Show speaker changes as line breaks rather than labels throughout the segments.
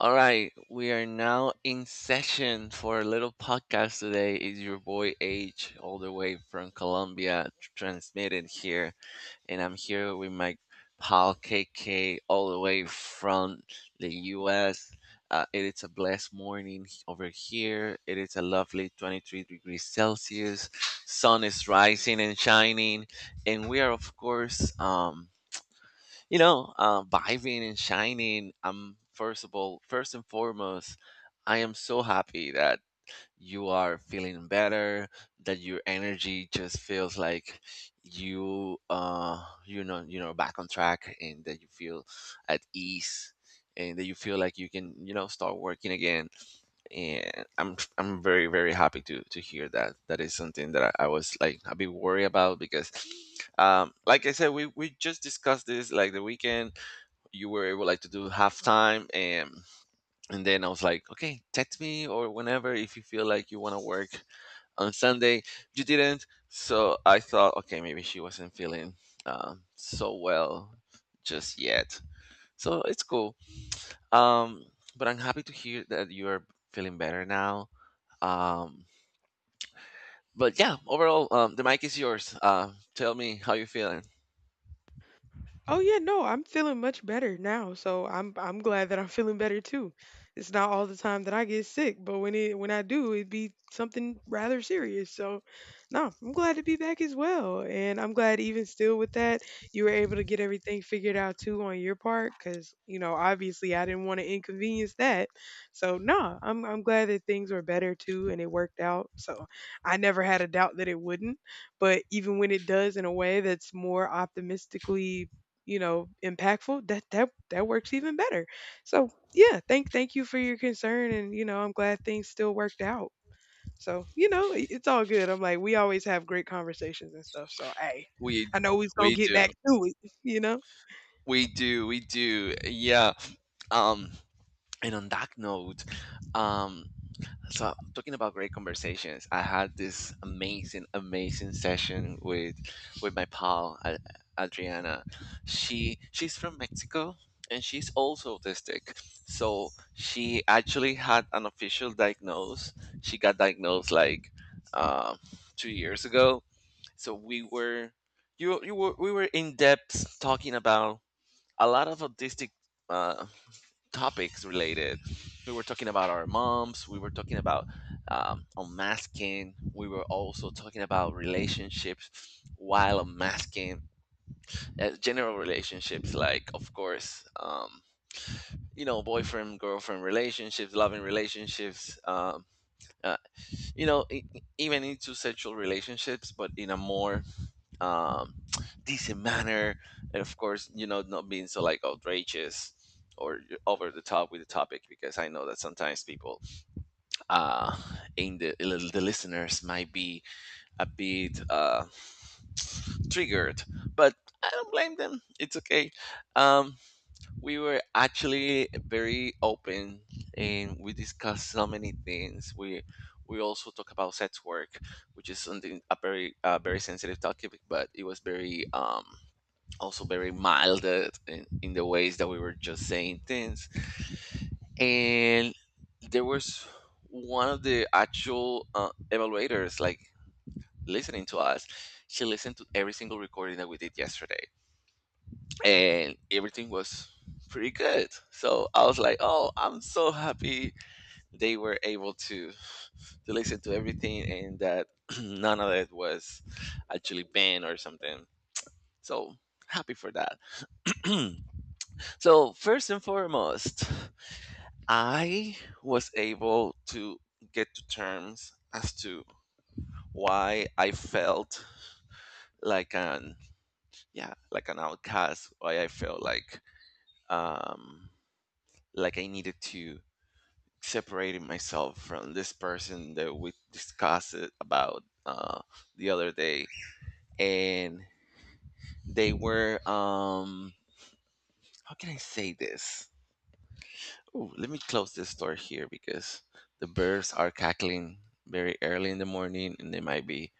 All right, we are now in session for a little podcast today. It's your boy H, all the way from Colombia, transmitted here, and I'm here with my pal KK, all the way from the U.S. It is a blessed morning over here. It is a lovely 23 degrees Celsius. Sun is rising and shining, and we are of course vibing and shining. I'm first of all, first and foremost, I am so happy that you are feeling better, that your energy just feels like you you know back on track, and that you feel at ease, and that you feel like you can, you know, start working again. And I'm very, very happy to hear that. That is something that I was like a bit worried about, because like I said, we just discussed this like the weekend. You were able like to do halftime, and then I was like, okay, text me or whenever if you feel like you want to work on Sunday. You didn't, so I thought, okay, maybe she wasn't feeling, so well, just yet. So it's cool. Um, but I'm happy to hear that you are feeling better now. Um, but yeah, overall, the mic is yours. Tell me how you're feeling.
Oh yeah, no, I'm feeling much better now, so I'm glad that I'm feeling better too. It's not all the time that I get sick, but when I do, it'd be something rather serious. So, no, I'm glad to be back as well, and I'm glad even still with that, you were able to get everything figured out too on your part, because you know obviously I didn't want to inconvenience that. So, no, I'm glad that things were better too, and it worked out. So, I never had a doubt that it wouldn't, but even when it does in a way that's more optimistically impactful, that works even better. So yeah, thank you for your concern, and you know, I'm glad things still worked out. So you know, it's all good. I'm like, we always have great conversations and stuff. So hey,
We
I know we's gonna
we
get
do,
back to it. You know,
we do. Yeah. Um, and on that note, um, so, talking about great conversations, I had this amazing, amazing session with my pal Adriana. She's from Mexico, and she's also autistic. So she actually had an official diagnosis. She got diagnosed like, uh, 2 years ago. So we were, you were we were in depth talking about a lot of autistic uh, topics related. We were talking about our moms. We were talking about, unmasking. We were also talking about relationships while unmasking. General relationships, like, of course, you know, boyfriend, girlfriend relationships, loving relationships, uh, you know, even into sexual relationships, but in a more, um, decent manner, and of course, you know, not being so like outrageous or over the top with the topic, because I know that sometimes people, uh, in the listeners, might be a bit triggered, but I don't blame them. It's okay. Um, we were actually very open, and we discussed so many things. We also talk about sex work, which is something a very very sensitive topic, but it was very, also very mild, in the ways that we were just saying things. And there was one of the actual evaluators like listening to us. She listened to every single recording that we did yesterday, and everything was pretty good. So I was like, "Oh, I'm so happy they were able to listen to everything, and that none of it was actually banned or something." So happy for that. So, first and foremost, I was able to get to terms as to why I felt like like an outcast, why I felt like, um like I needed to separate myself from this person that we discussed it about the other day, and they were, how can I say this? Ooh, let me close this door here because the birds are cackling very early in the morning and they might be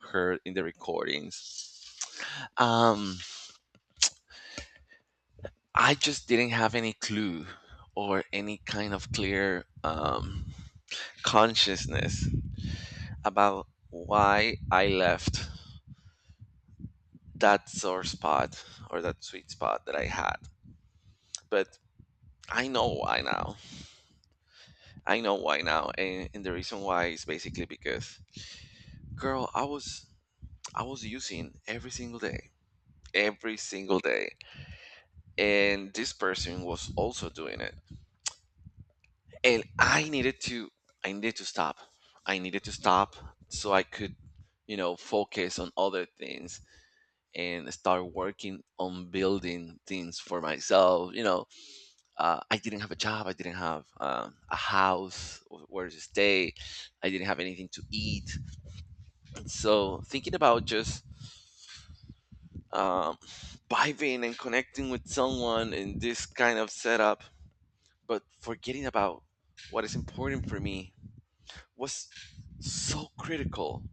heard in the recordings. Um, I just didn't have any clue or any kind of clear, consciousness about why I left that sore spot or that sweet spot that I had. But I know why now. I know why now. And the reason why is basically because, girl, I was using every single day, every single day. And this person was also doing it. And I needed to stop. I needed to stop so I could, you know, focus on other things and start working on building things for myself. You know, I didn't have a job. I didn't have, a house where to stay. I didn't have anything to eat. So thinking about just, um, vibing and connecting with someone in this kind of setup, but forgetting about what is important for me was so critical.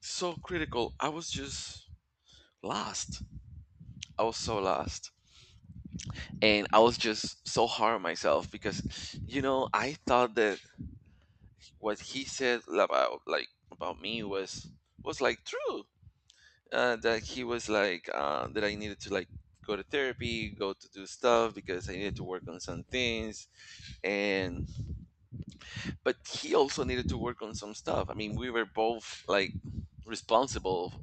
So critical. I was just lost. I was so lost. And I was just so hard on myself because, you know, I thought that what he said about about me was like true. That he was like, that I needed to like go to therapy, go to do stuff because I needed to work on some things, and but he also needed to work on some stuff. I mean, we were both like responsible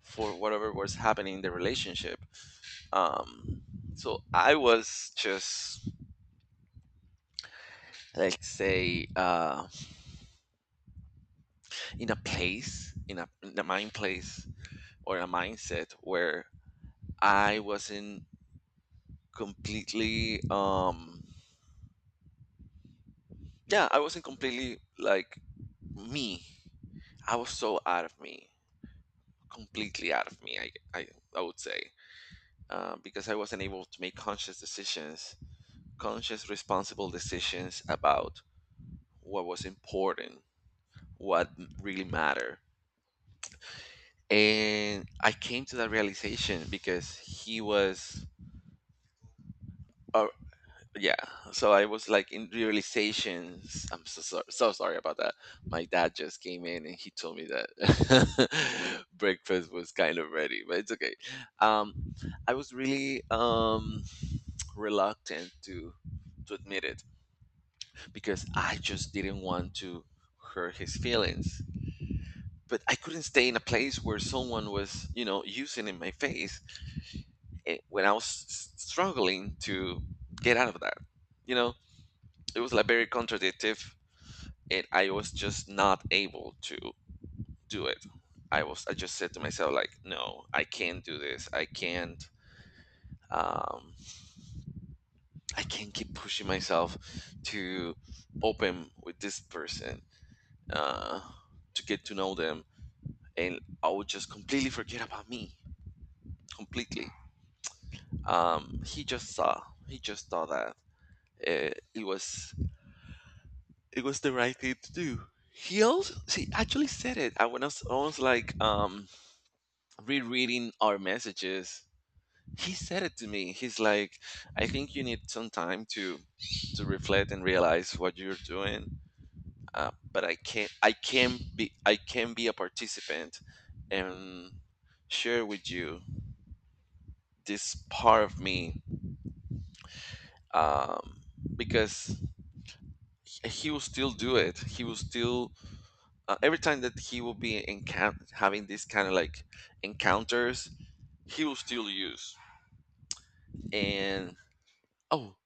for whatever was happening in the relationship. Um, so I was just, let's say, in a place, in a mind place or a mindset where I wasn't completely, yeah, I wasn't completely like me. I was so out of me, completely out of me. I, I would say, because I wasn't able to make conscious decisions, conscious, responsible decisions about what was important, what really mattered. And I came to that realization because he was. Yeah, so I was like in realizations. I'm so, so, so sorry about that. My dad just came in and he told me that breakfast was kind of ready, but it's okay. um I was really, reluctant to admit it because I just didn't want to hurt his feelings, but I couldn't stay in a place where someone was, you know, using in my face, when I was struggling to get out of that, you know. It was like very contradictory, and I was just not able to do it. I just said to myself like, no, I can't do this. I can't, um, I can't keep pushing myself to open with this person, uh, to get to know them, and I would just completely forget about me completely. Um, he just saw he just saw that, uh, it was it was the right thing to do. He actually said it. I was like, rereading our messages. He said it to me. He's like, I think you need some time to reflect and realize what you're doing, but I can't I can be, a participant and share with you this part of me, um, because he will still do it. He will still Every time that he will be encounter having this kind of like encounters, he will still use. And, oh,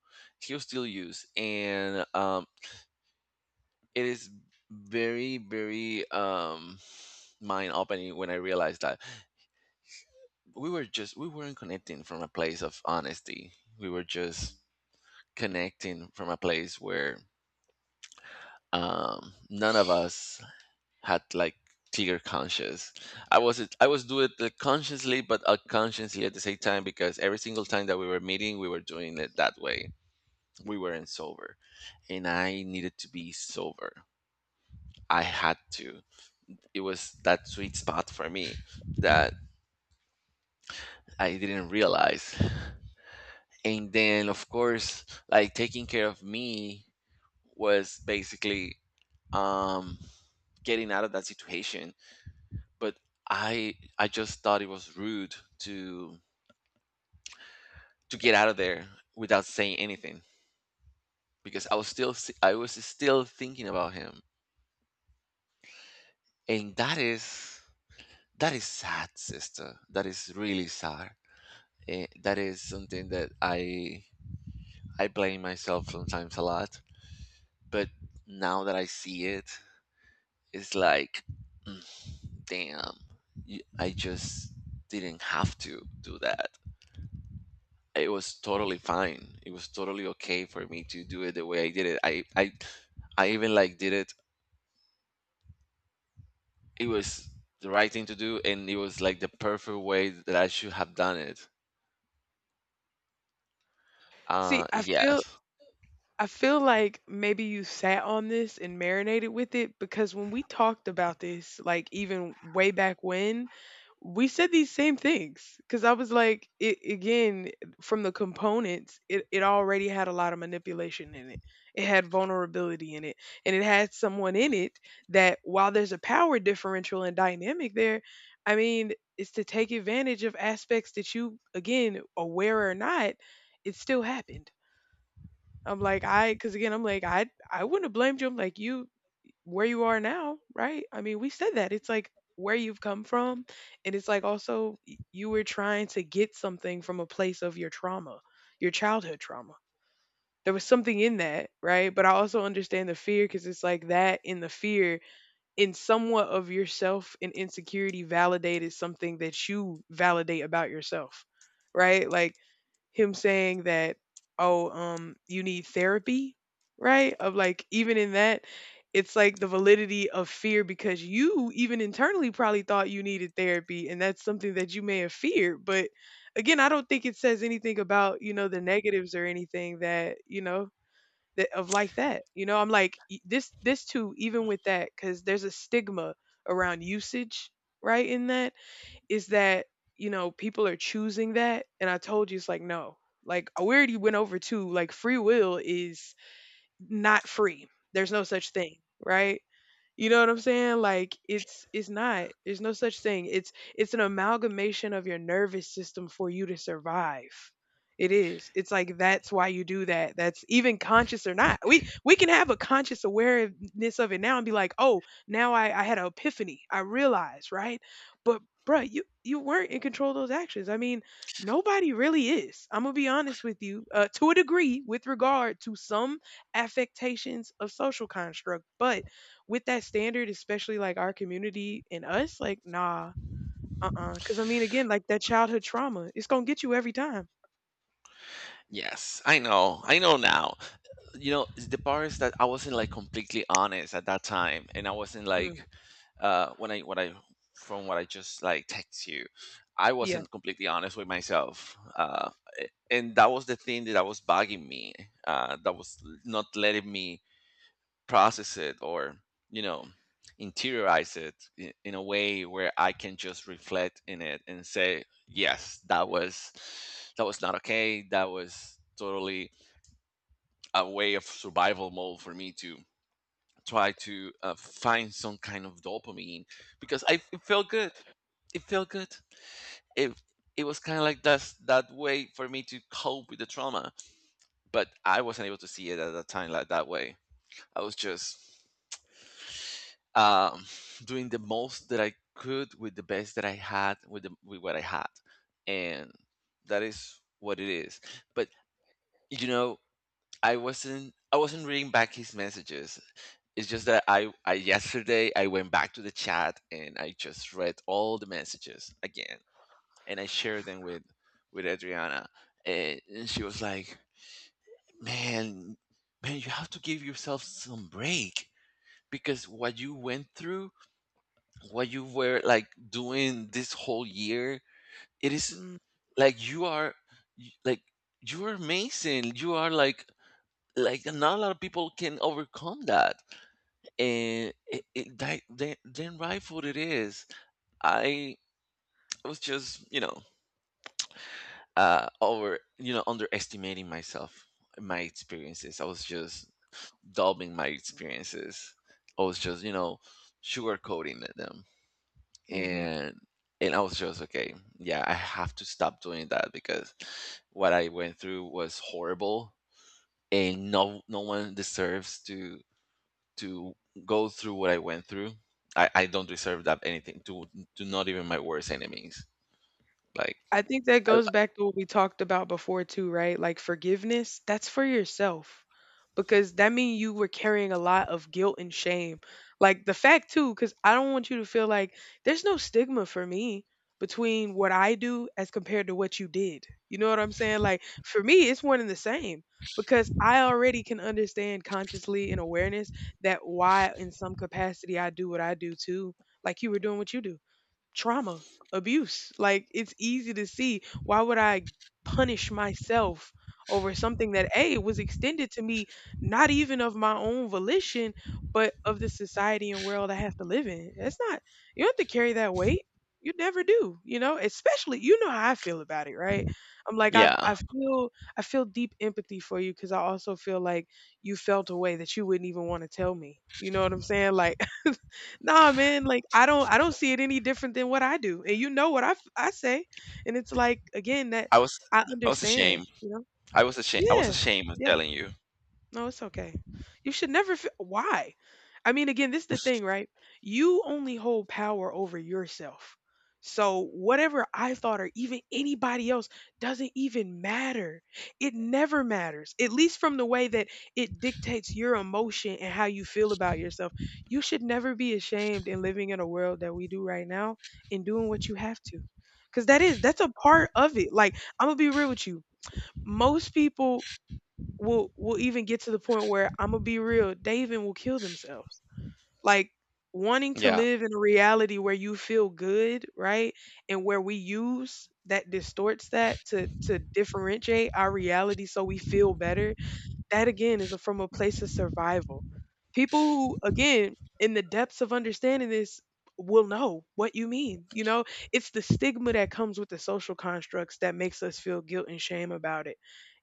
he'll still use, and, it is very, very, mind opening when I realized that we weren't connecting from a place of honesty. We were just connecting from a place where, none of us had like clear conscience. I was doing it like, consciously, but unconsciously at the same time, because every single time that we were meeting, we were doing it that way. We weren't sober, and I needed to be sober I had to. It was that sweet spot for me that I didn't realize. And then, of course, like taking care of me was basically, um, getting out of that situation. But I just thought it was rude to get out of there without saying anything, because I was still, I was still thinking about him. And that is, that is sad, sister. That is really sad. That is something that I blame myself sometimes a lot, but now that I see it, it's like, "Mm, damn, I just didn't have to do that. It was totally fine. It was totally okay for me to do it the way I did it. I even like did it. It was the right thing to do, and it was like the perfect way that I should have done it."
see,
Yes,
I feel like maybe you sat on this and marinated with it because when we talked about this, like even way back when, we said these same things. Because I was like, it again from the components, it already had a lot of manipulation in it. It had vulnerability in it, and it had someone in it that while there's a power differential and dynamic there, I mean, it's to take advantage of aspects that you, again, aware or not, it still happened. I'm like, I, because again, I'm like, I wouldn't have blamed you. I'm like, you, where you are now, right? I mean, we said that. It's like where you've come from. And it's like also you were trying to get something from a place of your trauma, your childhood trauma. There was something in that, right? But I also understand the fear because it's like that in the fear, in somewhat of yourself and insecurity, validated something that you validate about yourself, right? Like, him saying that, oh, you need therapy, right? Of like, even in that, it's like the validity of fear because you even internally probably thought you needed therapy and that's something that you may have feared. But again, I don't think it says anything about, you know, the negatives or anything that, you know, that of like that. You know, I'm like this too, even with that, because there's a stigma around usage, right? In that is that you know people are choosing that and I told you it's like no like we already went over to like free will is not free, there's no such thing, right? You know what I'm saying? Like it's not. There's no such thing. It's an amalgamation of your nervous system for you to survive. It is. It's like that's why you do that. That's even conscious or not. We can have a conscious awareness of it now and be like, oh, now I had an epiphany. I realized, right? But bruh, you weren't in control of those actions. I mean, nobody really is. I'm gonna be honest with you, to a degree, with regard to some affectations of social construct, but with that standard, especially like our community and us, like, nah, uh-uh. Because I mean, again, like that childhood trauma, it's gonna get you every time.
yes, I know now. You know, the part is that I wasn't like completely honest at that time, and I wasn't like,
Mm,
when I from what I just like text you, I
yeah.
wasn't completely honest with myself. And that was the thing that I was bugging me. That was not letting me process it or, you know, interiorize it, in a way where I can just reflect in it and say yes, that was, that was not okay. That was totally a way of survival mode for me to try to, find some kind of dopamine, because I it felt good. It felt good. It it was kind of like that's that way for me to cope with the trauma, but I wasn't able to see it at that time like that way. I was just, um, doing the most that I could with the best that I had, with with what I had, and that is what it is. But you know, I wasn't reading back his messages. It's just that I yesterday I went back to the chat and I just read all the messages again, and I shared them with Adriana, and she was like, "Man, man, you have to give yourself some break, because what you went through, what you were like doing this whole year, it is like you are, like you are amazing. You are like not a lot of people can overcome that." And then rightful it is. I was just, you know, over, you know, underestimating myself, my experiences. I was just dubbing my experiences. I was just, you know, sugarcoating them,
Mm-hmm.
and and I was just okay. Yeah, I have to stop doing that, because what I went through was horrible, and no one deserves to to go through what I went through. I don't deserve that, anything to not even my worst enemies. Like
I think that
I,
goes back to what we talked about before too, right? Like forgiveness, that's for yourself because that means you were carrying a lot of guilt and shame. Like the fact too, because I don't want you to feel like there's no stigma for me between what I do as compared to what you did. You know what I'm saying? Like for me, it's one and the same because I already can understand consciously and awareness that why in some capacity I do what I do too. Like you were doing what you do, trauma, abuse. Like it's easy to see why would I punish myself over something that A was extended to me not even of my own volition, but of the society and world I have to live in. That's not you don't have to carry that weight. You never do, you know, especially you know how I feel about it, right? I'm like
yeah,
I feel deep empathy for you cuz I also feel like you felt a way that you wouldn't even want to tell me. You know what I'm saying? Like Nah, man, like I don't see it any different than what I do. And you know what I I say. And it's like again that
I was
I
I was
understand,
ashamed.
you know?
I was ashamed. I was
Yeah.
ashamed of
Yeah.
telling you.
No, it's okay. You should never feel why? I mean, again, this is the thing, right? You only hold power over yourself. So whatever I thought or even anybody else doesn't even matter. It never matters. At least from the way that it dictates your emotion and how you feel about yourself. You should never be ashamed in living in a world that we do right now and doing what you have to. Cuz that is that's a part of it. Like, I'm going to be real with you. Most people will even get to the point where I'm gonna be real, they even will kill themselves. Like wanting to
Yeah,
live in a reality where you feel good, right? And where we use that distorts that to differentiate our reality so we feel better, that again is a, from a place of survival. People who, again, in the depths of understanding this, will know what you mean. You know, it's the stigma that comes with the social constructs that makes us feel guilt and shame about it.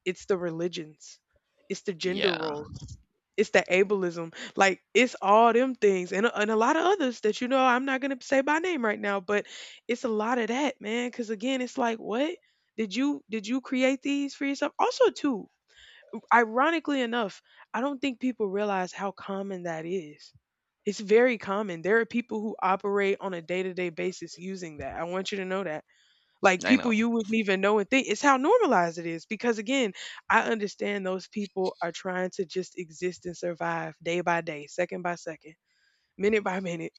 It's the religions, it's the gender
yeah,
roles, it's the ableism. Like, it's all them things and a lot of others that, you know, I'm not going to say by name right now, but it's a lot of that, man. Cause again, it's like, what? Did you create these for yourself? Also, too, ironically enough, I don't think people realize how common that is. It's very common. There are people who operate on a day to day basis using that. I want you to know that. Like
I know.
people you wouldn't even know and think. It's how normalized it is. Because again, I understand those people are trying to just exist and survive day by day, second by second, minute by minute.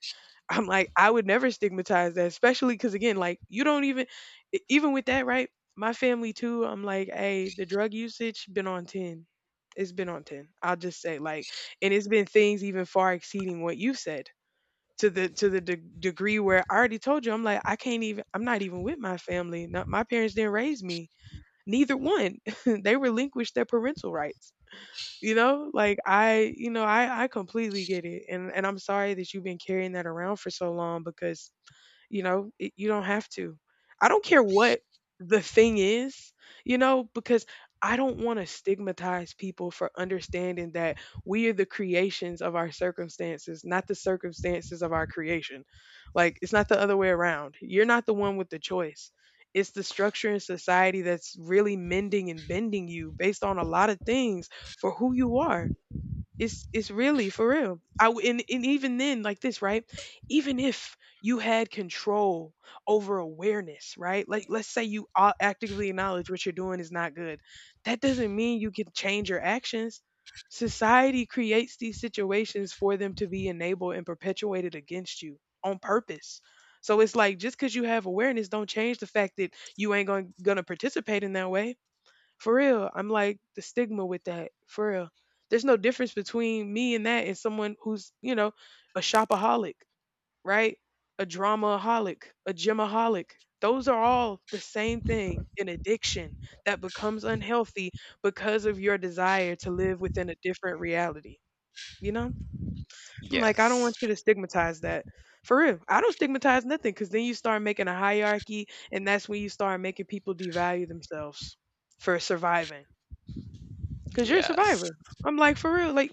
I'm like, I would never stigmatize that, especially because again, like you don't even, even with that, right? My family too. I'm like, hey, the drug usage been on ten. It's been on ten. I'll just say like, and it's been things even far exceeding what you said to the degree where I already told you. I'm like, I can't even. I'm not even with my family. Not, my parents didn't raise me. Neither one. They relinquished their parental rights, you know, like I, you know, I completely get it. And I'm sorry that you've been carrying that around for so long because you know, it, you don't have to. I don't care what the thing is, you know, because I don't want to stigmatize people for understanding that we are the creations of our circumstances, not the circumstances of our creation. Like, it's not the other way around. You're not the one with the choice. It's the structure in society that's really mending and bending you based on a lot of things for who you are. It's really for real. I and even then, like this, right? Even if you had control over awareness, right? Like let's say you actively acknowledge what you're doing is not good. That doesn't mean you can change your actions. Society creates these situations for them to be enabled and perpetuated against you on purpose. So it's like just because you have awareness, don't change the fact that you ain't going gonna participate in that way for real. I'm like the stigma with that. For real. There's no difference between me and that and someone who's, you know, a shopaholic, right? A dramaaholic, a gymaholic. Those are all the same thing, an addiction that becomes unhealthy because of your desire to live within a different reality. You know? I'm like, I don't
Yes,
want you to stigmatize that. For real. I don't stigmatize nothing because then you start making a hierarchy and that's when you start making people devalue themselves for surviving. Cause you're a
yes.
survivor. I'm like, for real. Like,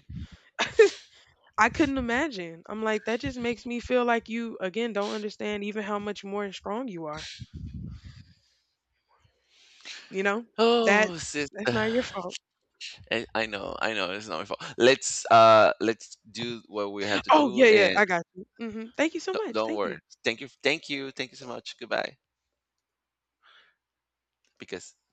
I couldn't imagine. I'm like, that just makes me feel like you, again, don't understand even how much more strong you are. You know? That
Oh, sister,
that's not your fault.
I know, I know. It's not my fault. Let's, let's do what we had to
Oh,
do,
yeah, yeah,
and
I got you. Hmm. Thank you so much.
don't
Thank
worry.
you.
Thank you, thank you, thank you so much. Goodbye, because